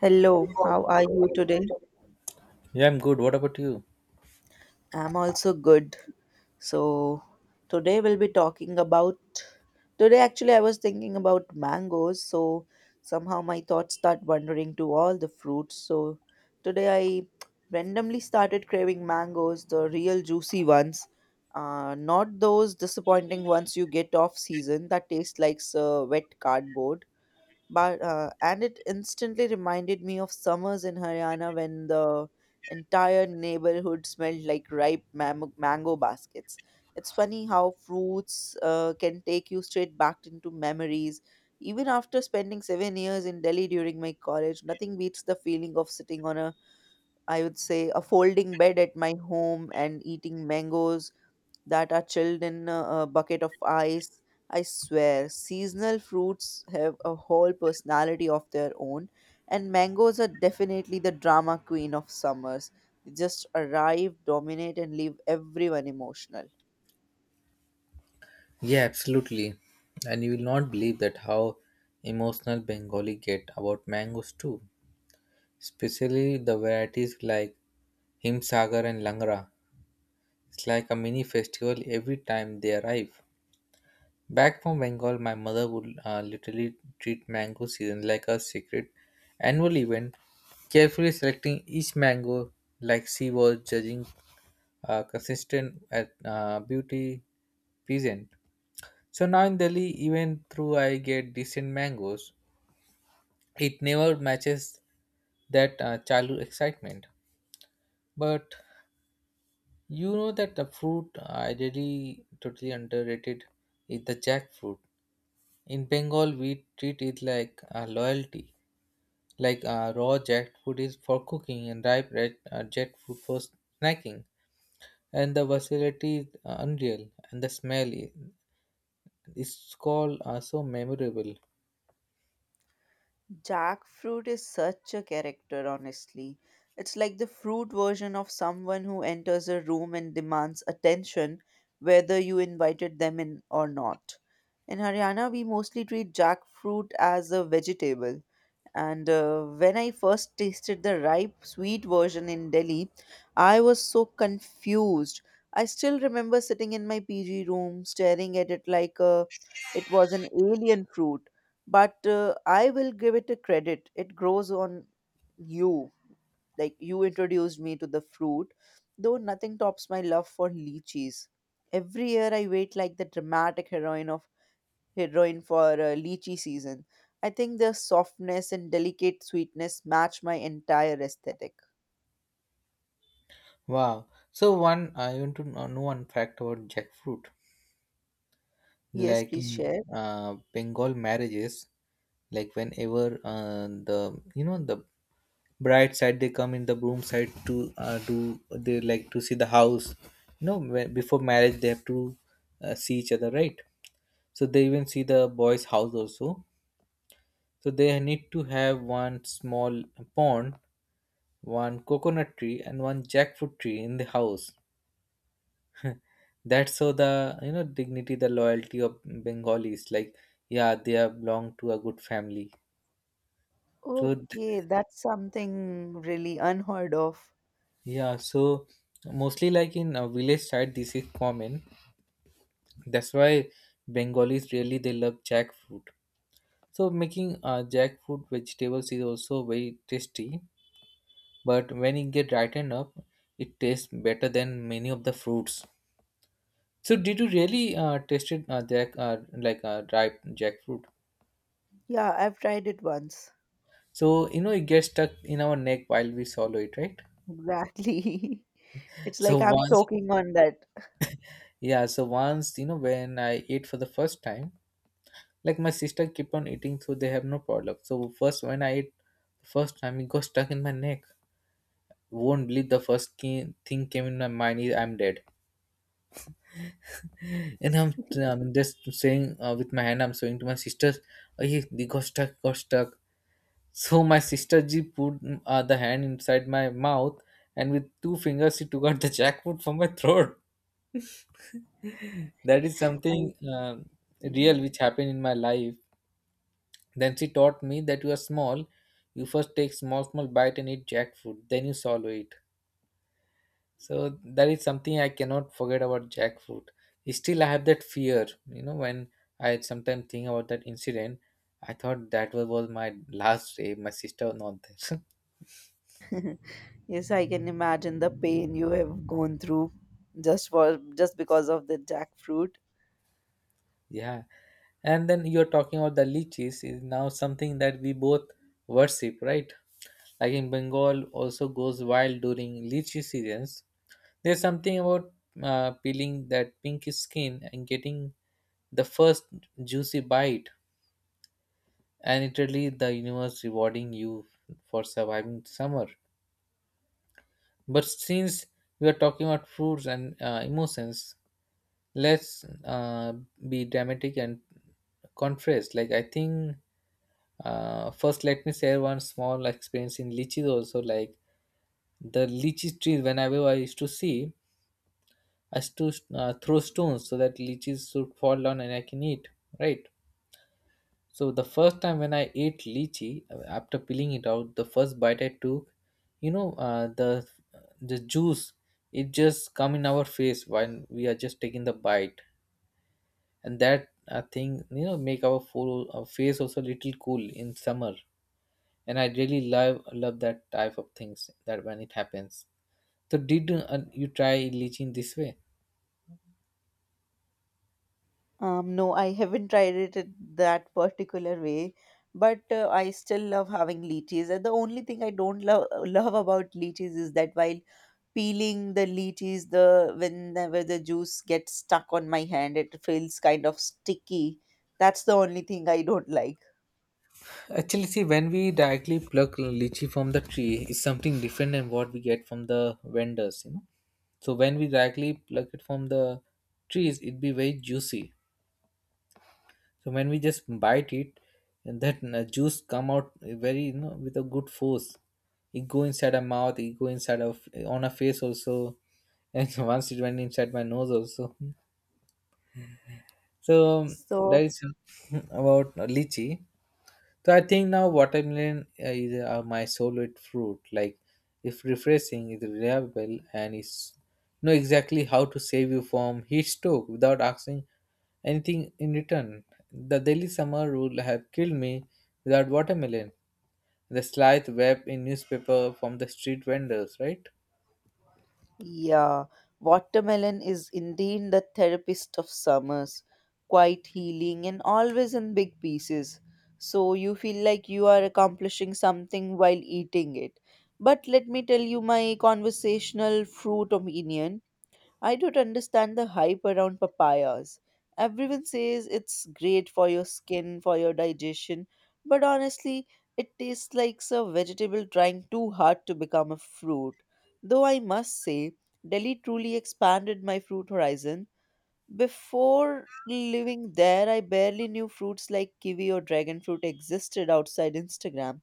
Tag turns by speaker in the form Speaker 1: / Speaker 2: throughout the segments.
Speaker 1: Hello, how are you today?
Speaker 2: Yeah, I'm good. What about you?
Speaker 1: I'm also good. So, today we'll be talking about. Today, actually, I was thinking about mangoes. Somehow my thoughts start wandering to all the fruits. Today I randomly started craving mangoes, the real juicy ones. Not those disappointing ones you get off season that taste like wet cardboard, but and it instantly reminded me of summers in Haryana when the entire neighborhood smelled like ripe mango baskets. It's funny how fruits can take you straight back into memories. Even after spending 7 years in Delhi during my college, nothing beats the feeling of sitting on I would say, a folding bed at my home and eating mangoes that are chilled in a bucket of ice. I swear, seasonal fruits have a whole personality of their own, and mangoes are definitely the drama queen of summers. They just arrive, dominate, and leave everyone emotional.
Speaker 2: Yeah, absolutely. And you will not believe that how emotional Bengali get about mangoes too. Especially the varieties like Himsagar and Langra. It's like a mini festival every time they arrive. Back from Bengal, my mother would literally treat mango season like a secret annual event, carefully selecting each mango like she was judging consistent at beauty pleasant. So now in Delhi, even though I get decent mangoes, it never matches that childhood excitement. But you know that the fruit I really totally underrated is the jackfruit. In Bengal, we treat it like a loyalty. Like raw jackfruit is for cooking and ripe red jackfruit for snacking. And the versatility is unreal, and the smell it's called are so memorable.
Speaker 1: Jackfruit is such a character, honestly. It's like the fruit version of someone who enters a room and demands attention, whether you invited them in or not. In Haryana, we mostly treat jackfruit as a vegetable. And when I first tasted the ripe sweet version in Delhi, I was so confused. I still remember sitting in my PG room staring at it was an alien fruit. But I will give it a credit. It grows on you. Like you introduced me to the fruit, though nothing tops my love for lychees. Every year I wait like the dramatic heroin for lychee season. I think the softness and delicate sweetness match my entire aesthetic.
Speaker 2: Wow. So one, I want to know one fact about jackfruit.
Speaker 1: Yes,
Speaker 2: Like
Speaker 1: please
Speaker 2: in
Speaker 1: share.
Speaker 2: Bengal marriages, like whenever the you know the bride side they come in the groom side to do they like to see the house. You know, when before marriage they have to see each other, right? So they even see the boy's house also. So they need to have one small pond, one coconut tree, and one jackfruit tree in the house. That's so the dignity, the loyalty of Bengalis. Like, yeah, they are belong to a good family. So
Speaker 1: Okay, that's something really unheard of.
Speaker 2: yeah, so mostly like in a village side, this is common. That's why Bengalis really they love jackfruit. So making jackfruit vegetables is also very tasty. But when it get ripened up, it tastes better than many of the fruits. So did you really tasted jack like ripe jackfruit?
Speaker 1: Yeah, I've tried it once.
Speaker 2: So, you know, it gets stuck in our neck while we swallow it, right?
Speaker 1: Exactly. It's like
Speaker 2: So
Speaker 1: I'm
Speaker 2: once,
Speaker 1: choking on that.
Speaker 2: yeah, so once, when I ate for the first time, like my sister kept on eating, so they have no problem. So first, when I ate the first time, it got stuck in my neck. Won't believe the first thing came in my mind is I'm dead. And I'm just saying with my hand, I'm showing to my sisters, oh, yeah, they got stuck, got stuck. So my sister ji put the hand inside my mouth and with two fingers she took out the jackfruit from my throat. That is something
Speaker 1: I Mhm.
Speaker 2: real which happened in my life. Then she taught me that you are small. You first take small small bite and eat jackfruit, then you swallow it. So that is something I cannot forget about jackfruit. Still I have that fear, when I sometimes think about that incident. I thought that was my last day, my sister was not there.
Speaker 1: Yes, I can imagine the pain you have gone through just because of the jackfruit.
Speaker 2: Yeah. And then you're talking about the lychees is now something that we both worship, right? Like in Bengal also goes wild during lychee seasons. There's something about peeling that pinkish skin and getting the first juicy bite, and it really the universe rewarding you for surviving summer. But since we are talking about fruits and emotions, let's be dramatic and contrast. Like I think first, let me share one small experience in lychees also. Like the lychee tree whenever I used to see, I used to throw stones so that lychees should fall down and I can eat, right? So the first time when I ate lychee, after peeling it out, the first bite I took, you know uh, the the juice, it just come in our face when we are just taking the bite. And that thing, make our full face also little cool in summer. And I really love love that type of things that when it happens. So did you try lychee in this way?
Speaker 1: No, I haven't tried it in that particular way, but I still love having lychees. And the only thing I don't love about lychees is that while peeling the lychees, the whenever the juice gets stuck on my hand, it feels kind of sticky. That's the only thing I don't like.
Speaker 2: Actually, see, when we directly pluck lychee from the tree, it's something different than what we get from the vendors. So when we directly pluck it from the trees, it be very juicy. So when we just bite it, and that juice come out very, with a good force. It go inside our mouth, it go inside of on our face also, and once it went inside my nose also. So
Speaker 1: So
Speaker 2: that is about lychee. So I think now watermelon is my favorite fruit. Like, if refreshing, it's reliable, and it's know exactly how to save you from heat stroke without asking anything in return. The Delhi summer would have killed me without watermelon. The slight web in newspaper from the street vendors, right?
Speaker 1: Yeah, watermelon is indeed the therapist of summers, quite healing and always in big pieces. So you feel like you are accomplishing something while eating it. But let me tell you my conversational fruit opinion. I don't understand the hype around papayas. Everyone says it's great for your skin, for your digestion, but honestly, it tastes like a vegetable trying too hard to become a fruit. Though I must say, Delhi truly expanded my fruit horizon. Before living there, I barely knew fruits like kiwi or dragon fruit existed outside Instagram.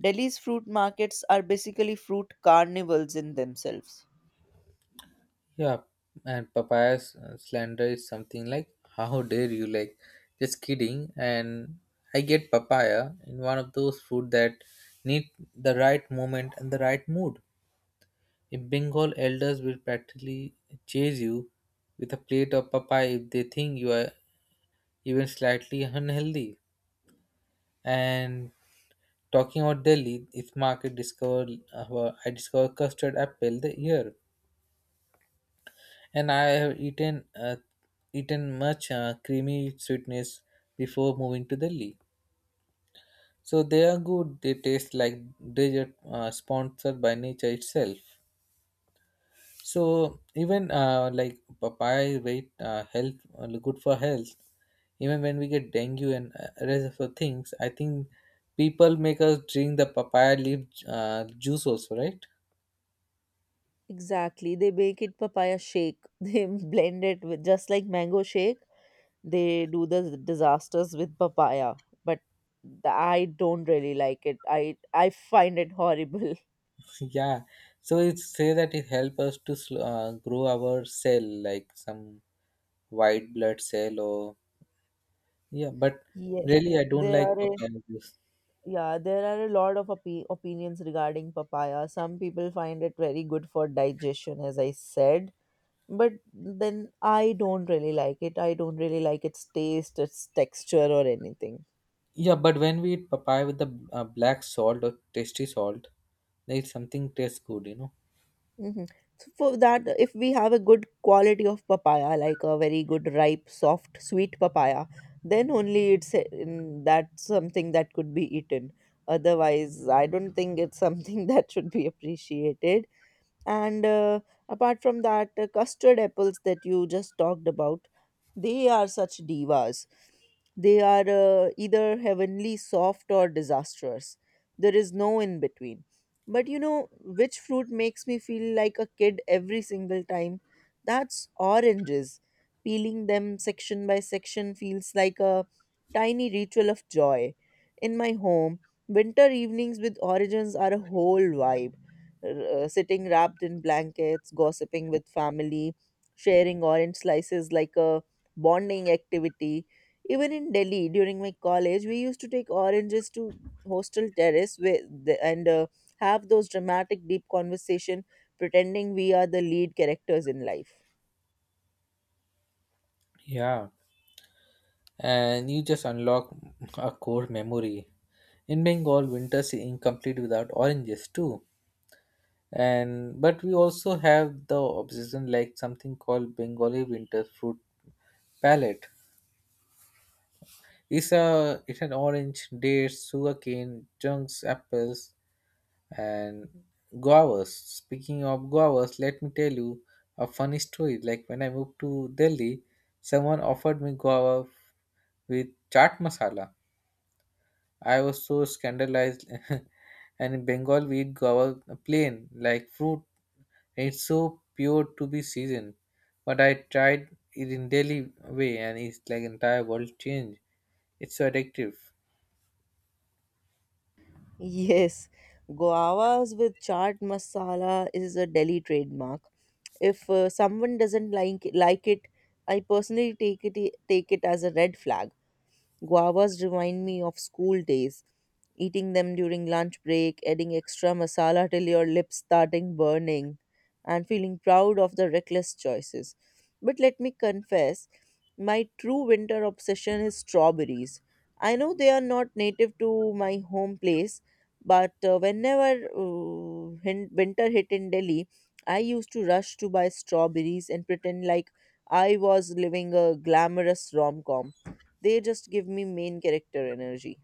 Speaker 1: Delhi's fruit markets are basically fruit carnivals in themselves.
Speaker 2: Yeah, and Papaya's slander is something like, how dare you, like, just kidding. And I get papaya in one of those food that need the right moment and the right mood. If Bengal, elders will practically chase you with a plate of papaya if they think you are even slightly unhealthy. And talking about Delhi, its market discovered, I discovered custard apple the year. And I have eaten much creamy sweetness before moving to Delhi. So they are good. They taste like dessert sponsored by nature itself. So even like papaya is very health good for health. Even when we get dengue and rest of the things, I think people make us drink the papaya leaf juice also, right?
Speaker 1: Exactly. They make it papaya shake. They blend it with just like mango shake. They do the disasters with papaya, but I don't really like it. I find it horrible.
Speaker 2: Yeah. So it say that it help us to grow our cell like some white blood cell or yeah but
Speaker 1: Yes,
Speaker 2: really I don't
Speaker 1: there
Speaker 2: like
Speaker 1: are a,
Speaker 2: papaya with this.
Speaker 1: yeah, there are a lot of opinions regarding papaya. Some people find it very good for digestion, as I said, but then I don't really like it. I don't really like its taste, its texture, or anything.
Speaker 2: Yeah, but when we eat papaya with the black salt or tasty salt, like something tastes good.
Speaker 1: Hmm. So for that, if we have a good quality of papaya, like a very good ripe, soft, sweet papaya, then only that's something that could be eaten. Otherwise, I don't think it's something that should be appreciated. And apart from that, custard apples that you just talked about, they are such divas. They are either heavenly soft or disastrous. There is no in between. But you know which fruit makes me feel like a kid every single time? That's oranges. Peeling them section by section feels like a tiny ritual of joy. In my home, winter evenings with oranges are a whole vibe, sitting wrapped in blankets, gossiping with family, sharing orange slices like a bonding activity. Even in Delhi during my college, we used to take oranges to hostel terrace and have those dramatic deep conversation pretending we are the lead characters in life.
Speaker 2: Yeah, and you just unlock a core memory. In Bengal winters is incomplete without oranges too. And but we also have the obsession, like something called Bengali winter fruit palette. It's a it's an orange, dates, sugarcane chunks, apples, and guavas. Speaking of guavas, let me tell you a funny story. Like when I moved to Delhi, someone offered me guava with chaat masala. I was so scandalized. And in Bengal we eat guava plain like fruit. It's so pure to be seasoned. But I tried it in Delhi way, and it's like entire world change. It's so addictive.
Speaker 1: Yes, guavas with chaat masala is a Delhi trademark. If someone doesn't like it, I personally take it as a red flag. Guavas remind me of school days, eating them during lunch break, adding extra masala till your lips starting burning, and feeling proud of the reckless choices. But let me confess, my true winter obsession is strawberries. I know they are not native to my home place, but whenever winter hit in Delhi, I used to rush to buy strawberries and pretend like I was living a glamorous rom com. They just give me main character energy.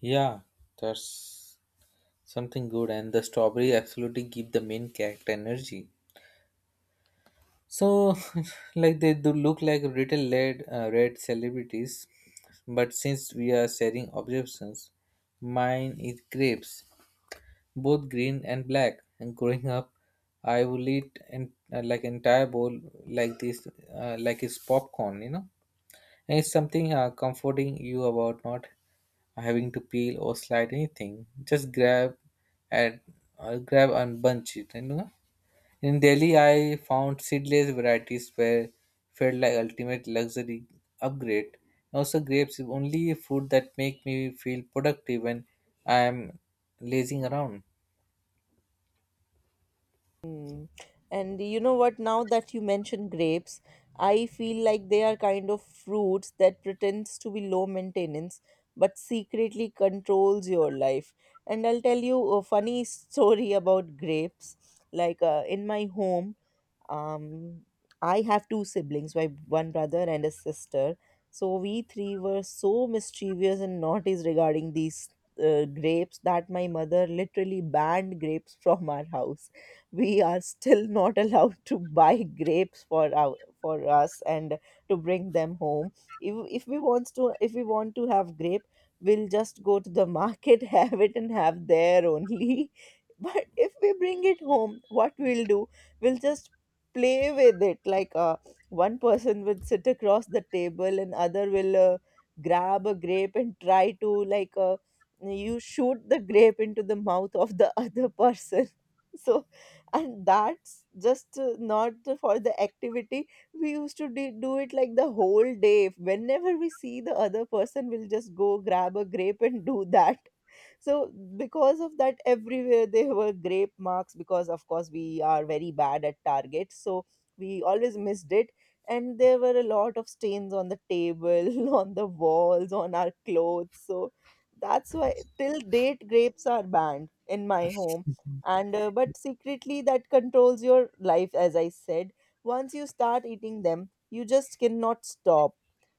Speaker 2: Yeah, that's something good, and the strawberry absolutely give the main character energy. So, like they do look like little red, celebrities, but since we are sharing observations, mine is grapes, both green and black. And growing up, I will eat and like entire bowl like this, like it's popcorn. And it's something comforting you about not having to peel or slide anything. Just and grab and bunch it. In Delhi, I found seedless varieties were felt like ultimate luxury upgrade. Also, grapes is only a fruit that make me feel productive when I am lazing around.
Speaker 1: Mm. And you know what? Now that you mention grapes, I feel like they are kind of fruits that pretends to be low maintenance but secretly controls your life. And I'll tell you a funny story about grapes. Like in my home, um I have two siblings, my one brother and a sister. So we three were so mischievous and naughty regarding these grapes that my mother literally banned grapes from our house. We are still not allowed to buy grapes for our for us and to bring them home. If if we wants to if we want to have grape, we'll just go to the market have it and have there only. But if we bring it home, what we'll do, we'll just play with it. Like one person would sit across the table and other will grab a grape and try to you shoot the grape into the mouth of the other person. So and that's just not for the activity. We used to de- do it like the whole day. Whenever we see the other person, we'll just go grab a grape and do that. So because of that, everywhere there were grape marks, because of course we are very bad at target, so we always missed it. And there were a lot of stains on the table, on the walls, on our clothes. So that's why till date grapes are banned in my home. And uh, but secretly that controls your life, as I said. Once you start eating them, you just cannot stop.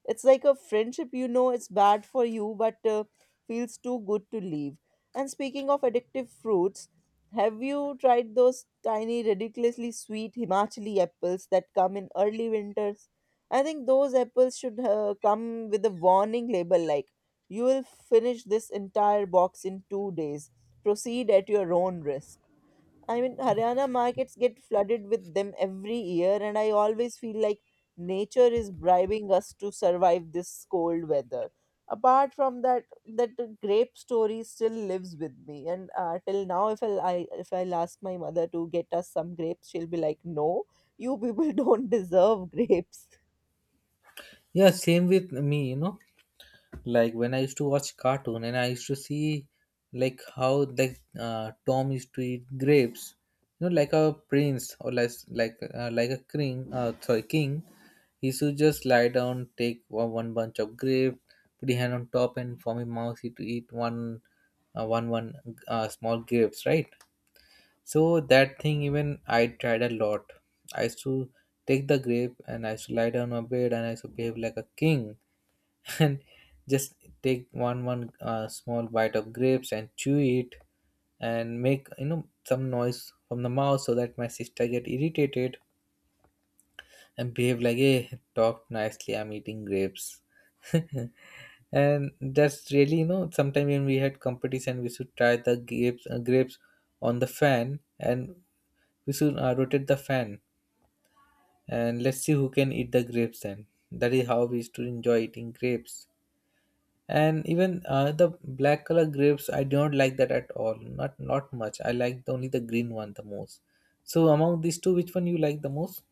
Speaker 1: It's like a friendship, you know, it's bad for you but feels too good to leave. And speaking of addictive fruits, have you tried those tiny, ridiculously sweet Himachali apples that come in early winters? I think those apples should come with a warning label like, you will finish this entire box in 2 days. Proceed at your own risk. I mean, Haryana markets get flooded with them every year, and I always feel like nature is bribing us to survive this cold weather. Apart from that, that grape story still lives with me, and till now, if I'll, I if I'll ask my mother to get us some grapes, she'll be like, "No, you people don't deserve grapes."
Speaker 2: Yeah, same with me. Like when I used to watch cartoon and I used to see like how like Tom used to eat grapes, like a prince or like a king, sorry, king. He used to just lie down, take one bunch of grape, put his hand on top, and from his mouth he to eat one one one small grapes, right? So that thing even I tried a lot. I used to take the grape and I used to lie down on my bed and I used to behave like a king and just take one one small bite of grapes and chew it and make some noise from the mouth so that my sister get irritated and behave like, hey, talk nicely, I'm eating grapes. And that's really, sometime when we had competition, we should try the grapes on the fan, and we should rotate the fan and let's see who can eat the grapes. Then that is how we used to enjoy eating grapes. And even the black color grapes, I don't like that at all, not much. I like only the green one the most. So among these two, which one you like the most?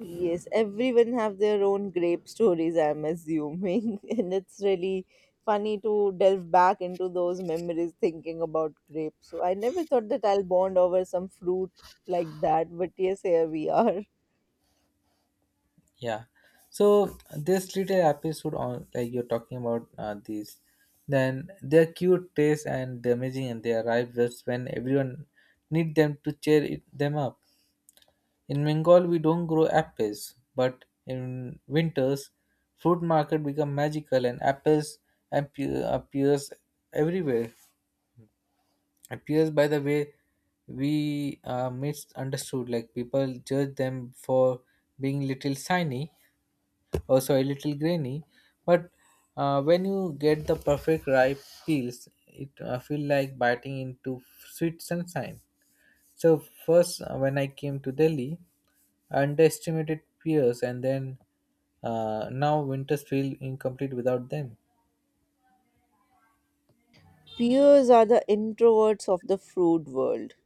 Speaker 1: Yes, everyone have their own grape stories, I'm assuming. And it's really funny to delve back into those memories thinking about grapes. So I never thought that I'll bond over some fruit like that, but yes, here we are.
Speaker 2: Yeah, so this little episode on, like you're talking about these, then they're cute taste and they're amazing and they arrive just when everyone need them to cheer it, them up. In Bengal, we don't grow apples, but in winters, fruit market become magical and apples appear, appears everywhere. Appears, by the way, we are misunderstood. Like people judge them for being little shiny, also a little grainy. But when you get the perfect ripe peels, it feel like biting into sweet sunshine. So first, when I came to Delhi, underestimated peers, and then now winters feel incomplete without them.
Speaker 1: Peers are the introverts of the fruit world.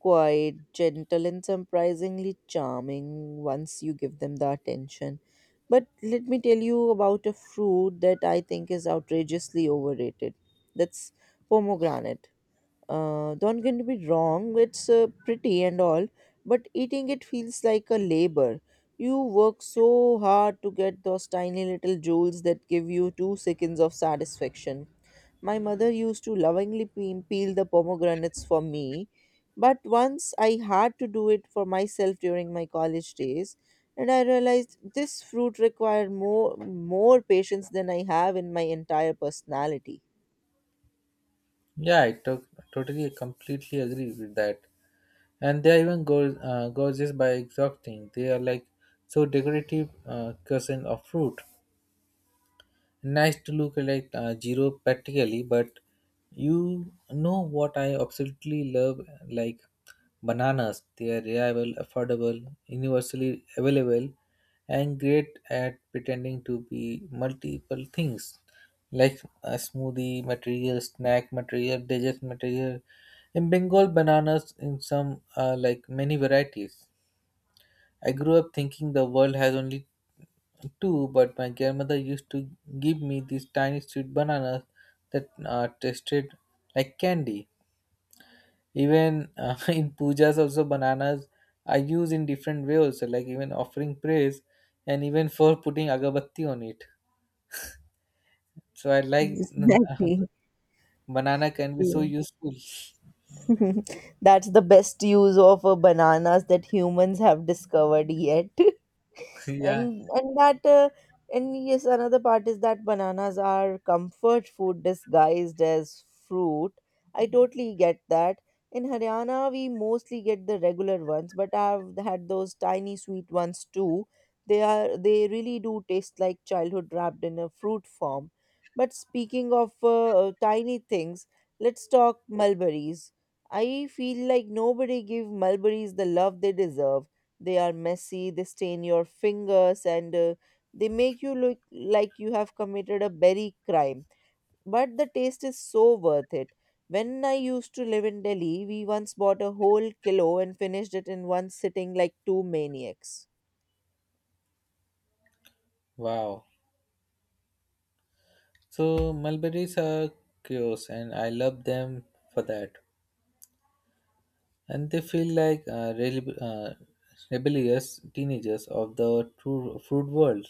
Speaker 1: Quiet, gentle, and surprisingly charming once you give them the attention. But let me tell you about a fruit that I think is outrageously overrated. That's pomegranate. Don't get me wrong, it's pretty and all, but eating it feels like a labor. You work so hard to get those tiny little jewels that give you 2 seconds of satisfaction. My mother used to lovingly peel the pomegranates for me, but once I had to do it for myself during my college days, and I realized this fruit required more patience than I have in my entire personality.
Speaker 2: Yeah, totally, completely agree with that. And they are even gorgeous by exhausting. They are like so decorative cousin of fruit. Nice to look like zero practically but You know what I absolutely love like Bananas, they are reliable, affordable, universally available and great at pretending to be multiple things like a smoothie material, snack material, dessert material. In Bengal, bananas in some like many varieties. I grew up thinking the world has only too, but my grandmother used to give me these tiny sweet bananas that tasted like candy. Even in pujas, also bananas are used in different way also, like even offering prayers and even for putting agabatti on it. So I like
Speaker 1: Exactly.
Speaker 2: banana can be so useful.
Speaker 1: That's the best use of bananas that humans have discovered yet.
Speaker 2: Yeah.
Speaker 1: and and that uh, and yes, another part is that bananas are comfort food disguised as fruit. I totally get that. In Haryana, we mostly get the regular ones, but I've had those tiny sweet ones too. They are they really do taste like childhood wrapped in a fruit form. But speaking of tiny things, let's talk mulberries. I feel like nobody give mulberries the love they deserve. They are messy, they stain your fingers, and they make you look like you have committed a berry crime. But the taste is so worth it. When I used to live in Delhi, we once bought a whole kilo and finished it in one sitting like two maniacs.
Speaker 2: Wow. So mulberries are curious, and I love them for that. And they feel like rebellious teenagers of the true fruit world,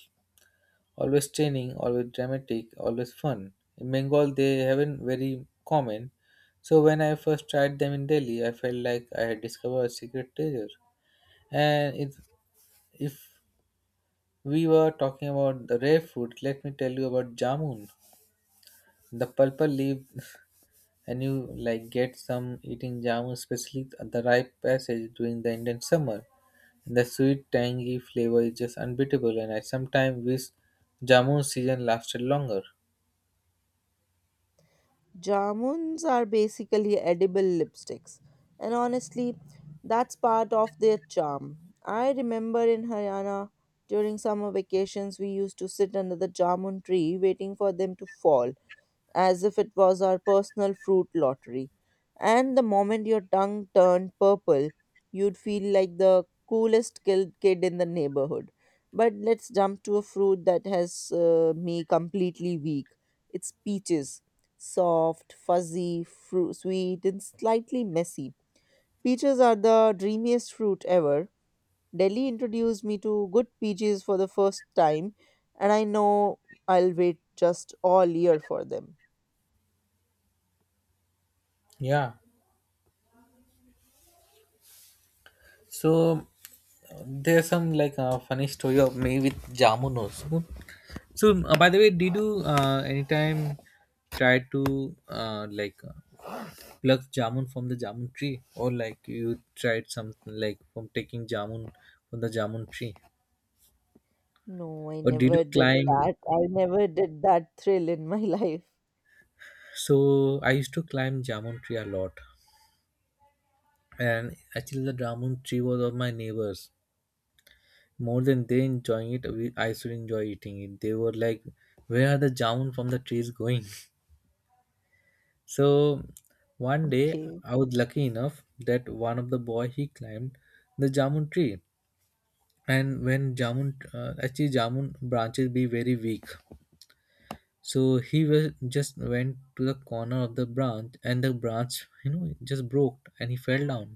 Speaker 2: always training, always dramatic, always fun. In Bengal, they haven't very common. So when I first tried them in Delhi, I felt like I had discovered a secret treasure. And if we were talking about the rare fruit, let me tell you about jamun, the purple leaf. And you like get some eating jamun, especially at the ripe passage during the Indian summer. The sweet, tangy flavor is just unbeatable, and I sometimes wish jamun season lasted longer.
Speaker 1: Jamuns are basically edible lipsticks, and honestly, that's part of their charm. I remember in Haryana during summer vacations, we used to sit under the jamun tree waiting for them to fall, as if it was our personal fruit lottery. And the moment your tongue turned purple, you'd feel like the coolest kid in the neighborhood. But let's jump to a fruit that has me completely weak. It's peaches. Soft, fuzzy, sweet, and slightly messy. Peaches are the dreamiest fruit ever. Delhi introduced me to good peaches for the first time, and I know I'll wait just all year for them.
Speaker 2: Yeah. So there's some like funny story of me with jamun also. So by the way, did you anytime try to pluck jamun from the jamun tree, or like you tried something like from taking jamun from the jamun tree,
Speaker 1: No, I
Speaker 2: or did you
Speaker 1: never did
Speaker 2: climb?
Speaker 1: that. I never did that thrill in my life.
Speaker 2: So I used to climb jamun tree a lot. And actually the dragon tree was of my neighbors. More than they enjoying it we, I should enjoy eating it. They were like, where are the jamun from the trees going? So one day
Speaker 1: Okay.
Speaker 2: I was lucky enough that one of the boy he climbed the jamun tree. And when jamun actually jamun branches be very weak, so he was just went to the corner of the branch and the branch you know just broke and he fell down.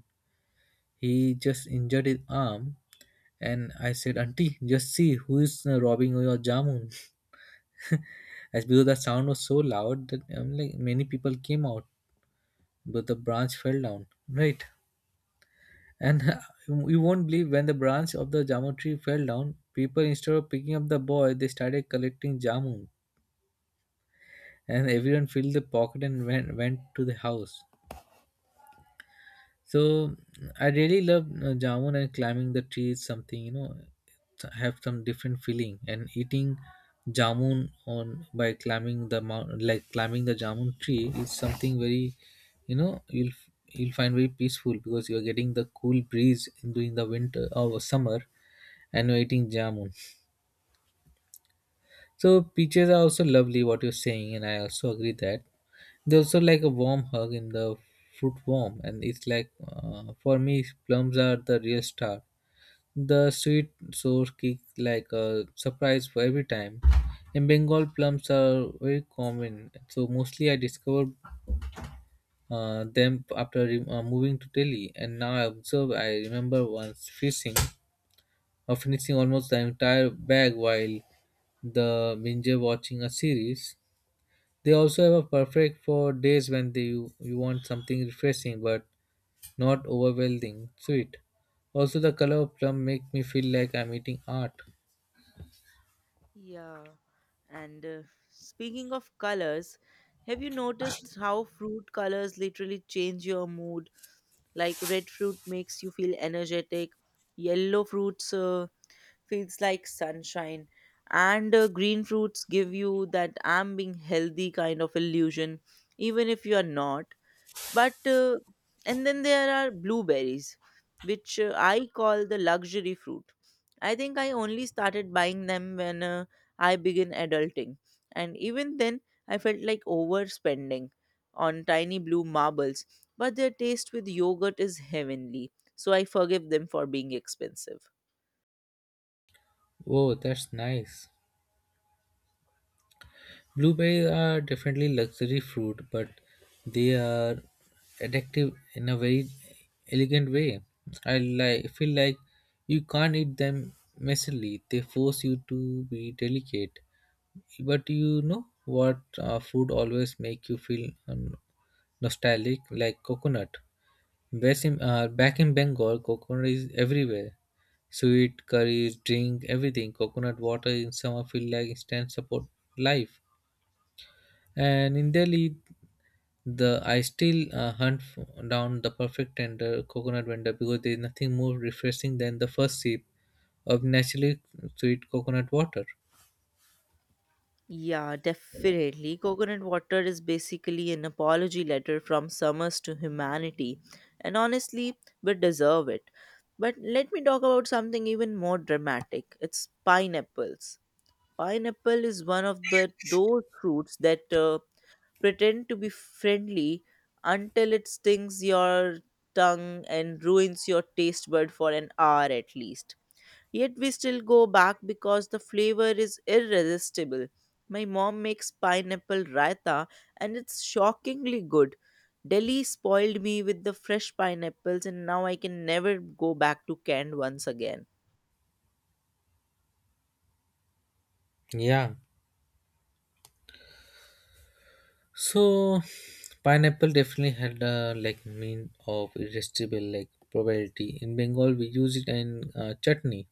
Speaker 2: He just injured his arm. And I said, Auntie, just see who is robbing your jamun. As because the sound was so loud that like many people came out, but the branch fell down. Right. And you won't believe when the branch of the jamun tree fell down, people instead of picking up the boy, they started collecting jamun. And everyone filled the pocket and went to the house. So I really love jamun, and climbing the tree is something you know have some different feeling, and eating jamun on by climbing the mount like climbing the jamun tree is something very you know you'll find very peaceful because you're getting the cool breeze during the winter or summer and you're eating jamun. So peaches are also lovely what you're saying and I also agree that they also like a warm hug in the fruit warm, and it's like for me plums are the real star. The sweet sour kick like a surprise for every time. In Bengal, plums are very common, so mostly I discovered them after moving to Delhi, and now I observe I remember once fishing or finishing almost the entire bag while the binge watching a series. They also have a perfect for days when they, you want something refreshing but not overwhelming sweet. Also, the color of plum make me feel like I'm eating art.
Speaker 1: Yeah. And Speaking of colors, have you noticed how fruit colors literally change your mood? Like red fruit makes you feel energetic, yellow fruits feels like sunshine, and green fruits give you that I'm being healthy kind of illusion, even if you are not. But And then there are blueberries which I call the luxury fruit. I think I only started buying them when I began adulting, and even then I felt like overspending on tiny blue marbles. But their taste with yogurt is heavenly, so I forgive them for being expensive.
Speaker 2: Oh, that's nice. Blueberries are definitely luxury fruit, but they are addictive in a very elegant way. I like feel like you can't eat them messily. They force you to be delicate. But you know what food always make you feel nostalgic, like coconut. Best in, back in Bengal, coconut is everywhere. Sweet curries, drink, everything. Coconut water in summer feel like instant support life. And in Delhi, the I still down the perfect tender coconut vendor because there is nothing more refreshing than the first sip of naturally sweet coconut water.
Speaker 1: Yeah, definitely. Coconut water is basically an apology letter from Summers to humanity, and honestly, we deserve it. But let me talk about something even more dramatic. It's pineapples. Pineapple is one of the those fruits that pretend to be friendly until it stings your tongue and ruins your taste bud for an hour at least. Yet we still go back because the flavor is irresistible. My mom makes pineapple raita and it's shockingly good. Delhi spoiled me with the fresh pineapples, and now I can never go back to canned once again.
Speaker 2: Yeah. So, pineapple definitely had a like mean of irresistible like probability. In Bengal, we use it in chutney.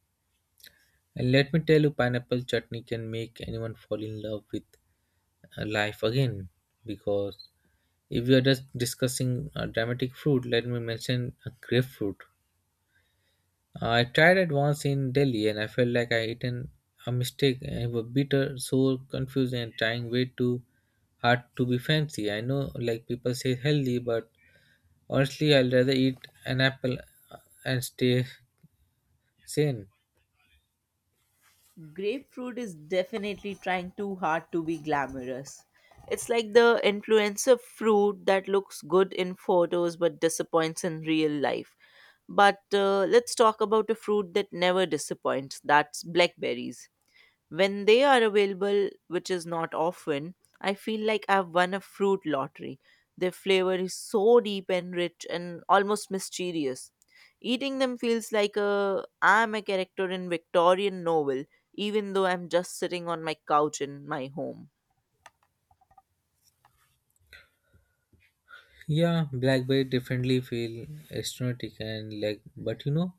Speaker 2: And let me tell you, pineapple chutney can make anyone fall in love with life again because if we are just discussing dramatic fruit, let me mention a grapefruit. I tried it once in Delhi and I felt like I eaten a mistake, and it was bitter, sour, confusing, and trying way too hard to be fancy. I know, like people say, healthy, but honestly, I'd rather eat an apple and stay sane.
Speaker 1: Grapefruit is definitely trying too hard to be glamorous. It's like the influencer fruit that looks good in photos but disappoints in real life. But Let's talk about a fruit that never disappoints. That's blackberries. When they are available, which is not often, I feel like I've won a fruit lottery. Their flavor is so deep and rich and almost mysterious. Eating them feels like a I'm a character in Victorian novel, even though I'm just sitting on my couch in my home.
Speaker 2: Yeah, blackberry definitely feel exotic and like, but you know,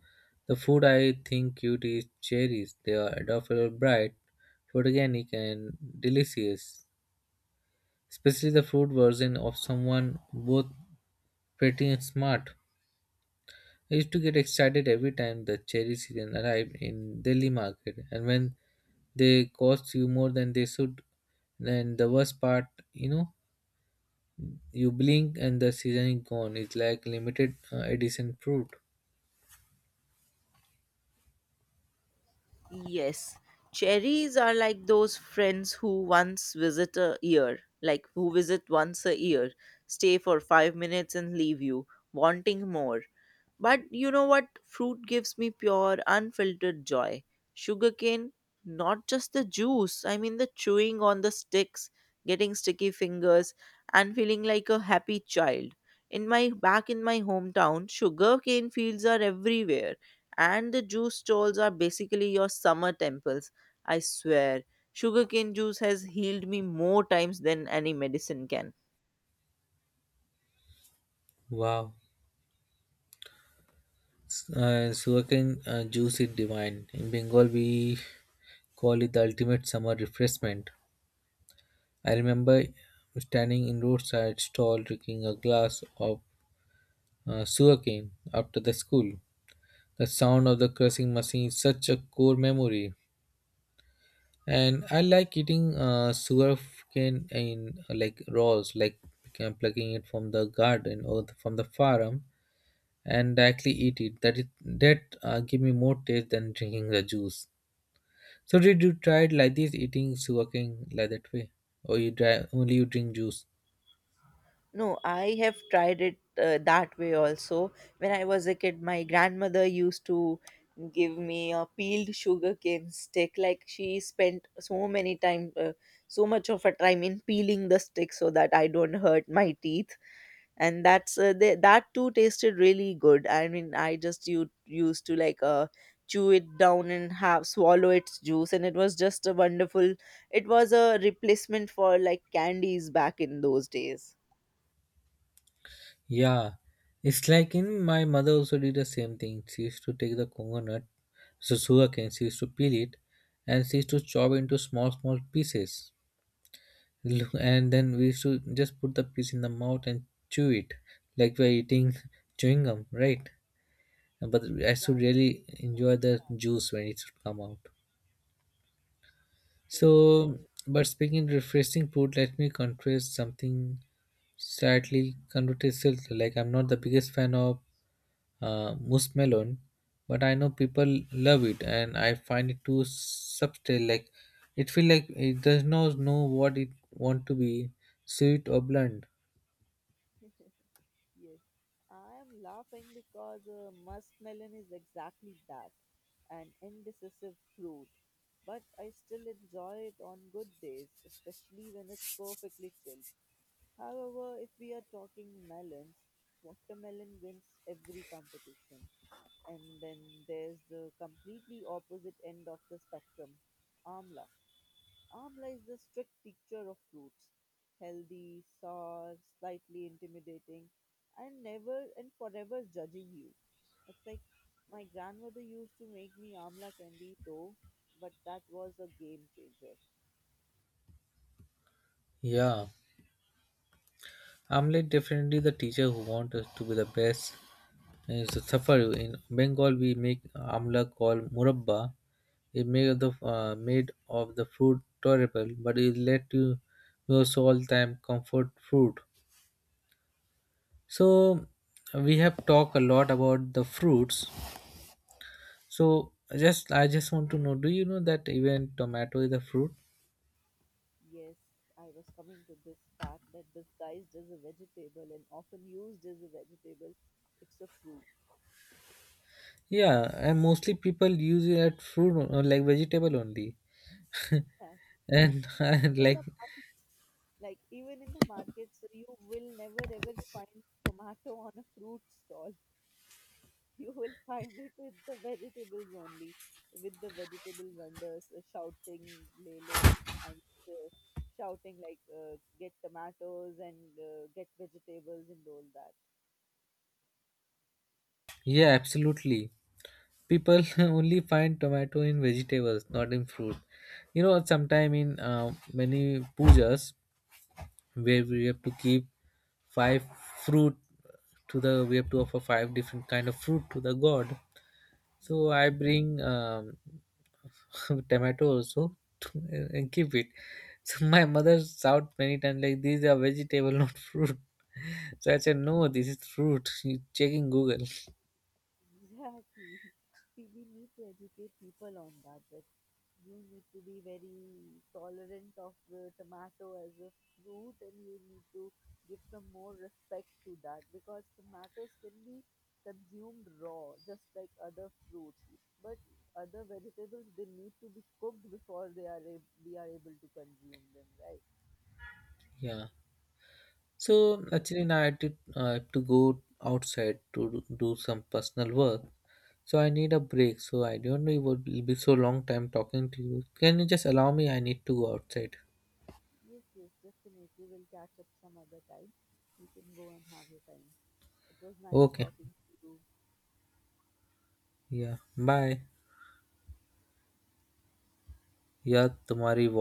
Speaker 2: the food I think cute is cherries. They are adorable, bright, photogenic, and delicious. Especially the fruit version of someone both pretty and smart. I used to get excited every time the cherry season arrived in Delhi market, and when they cost you more than they should, and the worst part, you know, you blink and the season is gone. It's like limited edition fruit.
Speaker 1: Yes, cherries are like those friends who once visit a year, like who visit once a year, stay for 5 minutes and leave you, wanting more. But you know what? Fruit gives me pure, unfiltered joy. Sugarcane, not just the juice, I mean the chewing on the sticks, getting sticky fingers, and feeling like a happy child. In my back in my hometown, sugarcane fields are everywhere and the juice stalls are basically your summer temples. I swear, sugarcane juice has healed me more times than any medicine can.
Speaker 2: Wow. Sugarcane juice is divine. In Bengal, we call it the ultimate summer refreshment. I remember standing in roadside stall drinking a glass of sugarcane after the school. The sound of the crushing machine is such a core memory. And I like eating sugarcane in like raws, like plucking it from the garden or the, from the farm and directly eat it. That is, that give me more taste than drinking the juice. So did you try it like this, eating sugarcane like that way, or you dry, only you drink juice?
Speaker 1: No, I have tried it that way also. When I was a kid, my grandmother used to give me a peeled sugarcane stick. Like she spent so many time, so much of her time in peeling the stick so that I don't hurt my teeth. And that too tasted really good. I mean, I just used to like chew it down and have swallow its juice, and it was just a wonderful, it was a replacement for like candies back in those days.
Speaker 2: Yeah, it's like in my mother also did the same thing. She used to take the coconut, so sugarcane. She used to peel it, and she used to chop into small small pieces. Look, and then we used to just put the piece in the mouth and chew it, like we're eating chewing gum, right? But I should really enjoy the juice when it should come out.
Speaker 1: Yes,
Speaker 2: So, but speaking refreshing food, let me confess something slightly controversial. Like I'm not the biggest fan of mousse melon, but I know people love it, and I find it too subtle. Like it feel like it does not know what it want to be, sweet or blunt.
Speaker 1: yes. I am laughing because muskmelon is exactly that, an indecisive fruit. But I still enjoy it on good days, especially when it's perfectly chilled. However, if we are talking melons, watermelon wins every competition. And then there's the completely opposite end of the spectrum, amla. Amla is the strict teacher of fruits, healthy, sour, slightly intimidating, and never and forever judging you. It's like my grandmother used to make me amla candy though, but that was a game changer.
Speaker 2: Yeah, I'm like definitely the teacher who wants us to be the best. And it's a safar. In Bengal, we make amla called murabba. It made of the fruit tolerable, but it led to most all time comfort fruit. So we have talked a lot about the fruits. So just want to know, do you know that even tomato is a fruit?
Speaker 1: Yes, I was coming to this fact that disguised as a vegetable and often used as a vegetable, it's a fruit.
Speaker 2: Yeah, and mostly people use it at fruit or like vegetable only.
Speaker 1: Yeah.
Speaker 2: And and
Speaker 1: Even in
Speaker 2: like
Speaker 1: the markets, like even in the markets, you will never ever find tomato on a fruit stall. You will find it with the vegetables only, with the vegetable vendors shouting "Lelo," I'm shouting like "Get tomatoes and get vegetables" and all
Speaker 2: yeah, absolutely. People only find tomato in vegetables not in fruit. You know sometime in many pujas where we have to keep five fruit to the we have to offer five different kind of fruit to the god.
Speaker 1: that.
Speaker 2: So I bring tomato and keep it. So my mother shout many times like these are vegetable not fruit. So I said, no, this is fruit, you check in google.
Speaker 1: Exactly. We need to educate people on that, that you need to be very tolerant of the tomato as a fruit, and you need to give some more respect to that because tomatoes can be consumed raw, just like other fruits. But other vegetables, they need to be cooked before they are we are able to consume them, right?
Speaker 2: Yeah.
Speaker 1: So,
Speaker 2: So actually, now I did have to go outside to do some personal work. So I need a break. So I don't know it would be so long time talking to you. Can you just allow me? I need to go outside.
Speaker 1: yes, yes, definitely. We'll catch up some other time. You can go and have your time. It was nice
Speaker 2: Okay.
Speaker 1: talking to you.
Speaker 2: Yeah. Bye. Yeah. तुम्हारी voice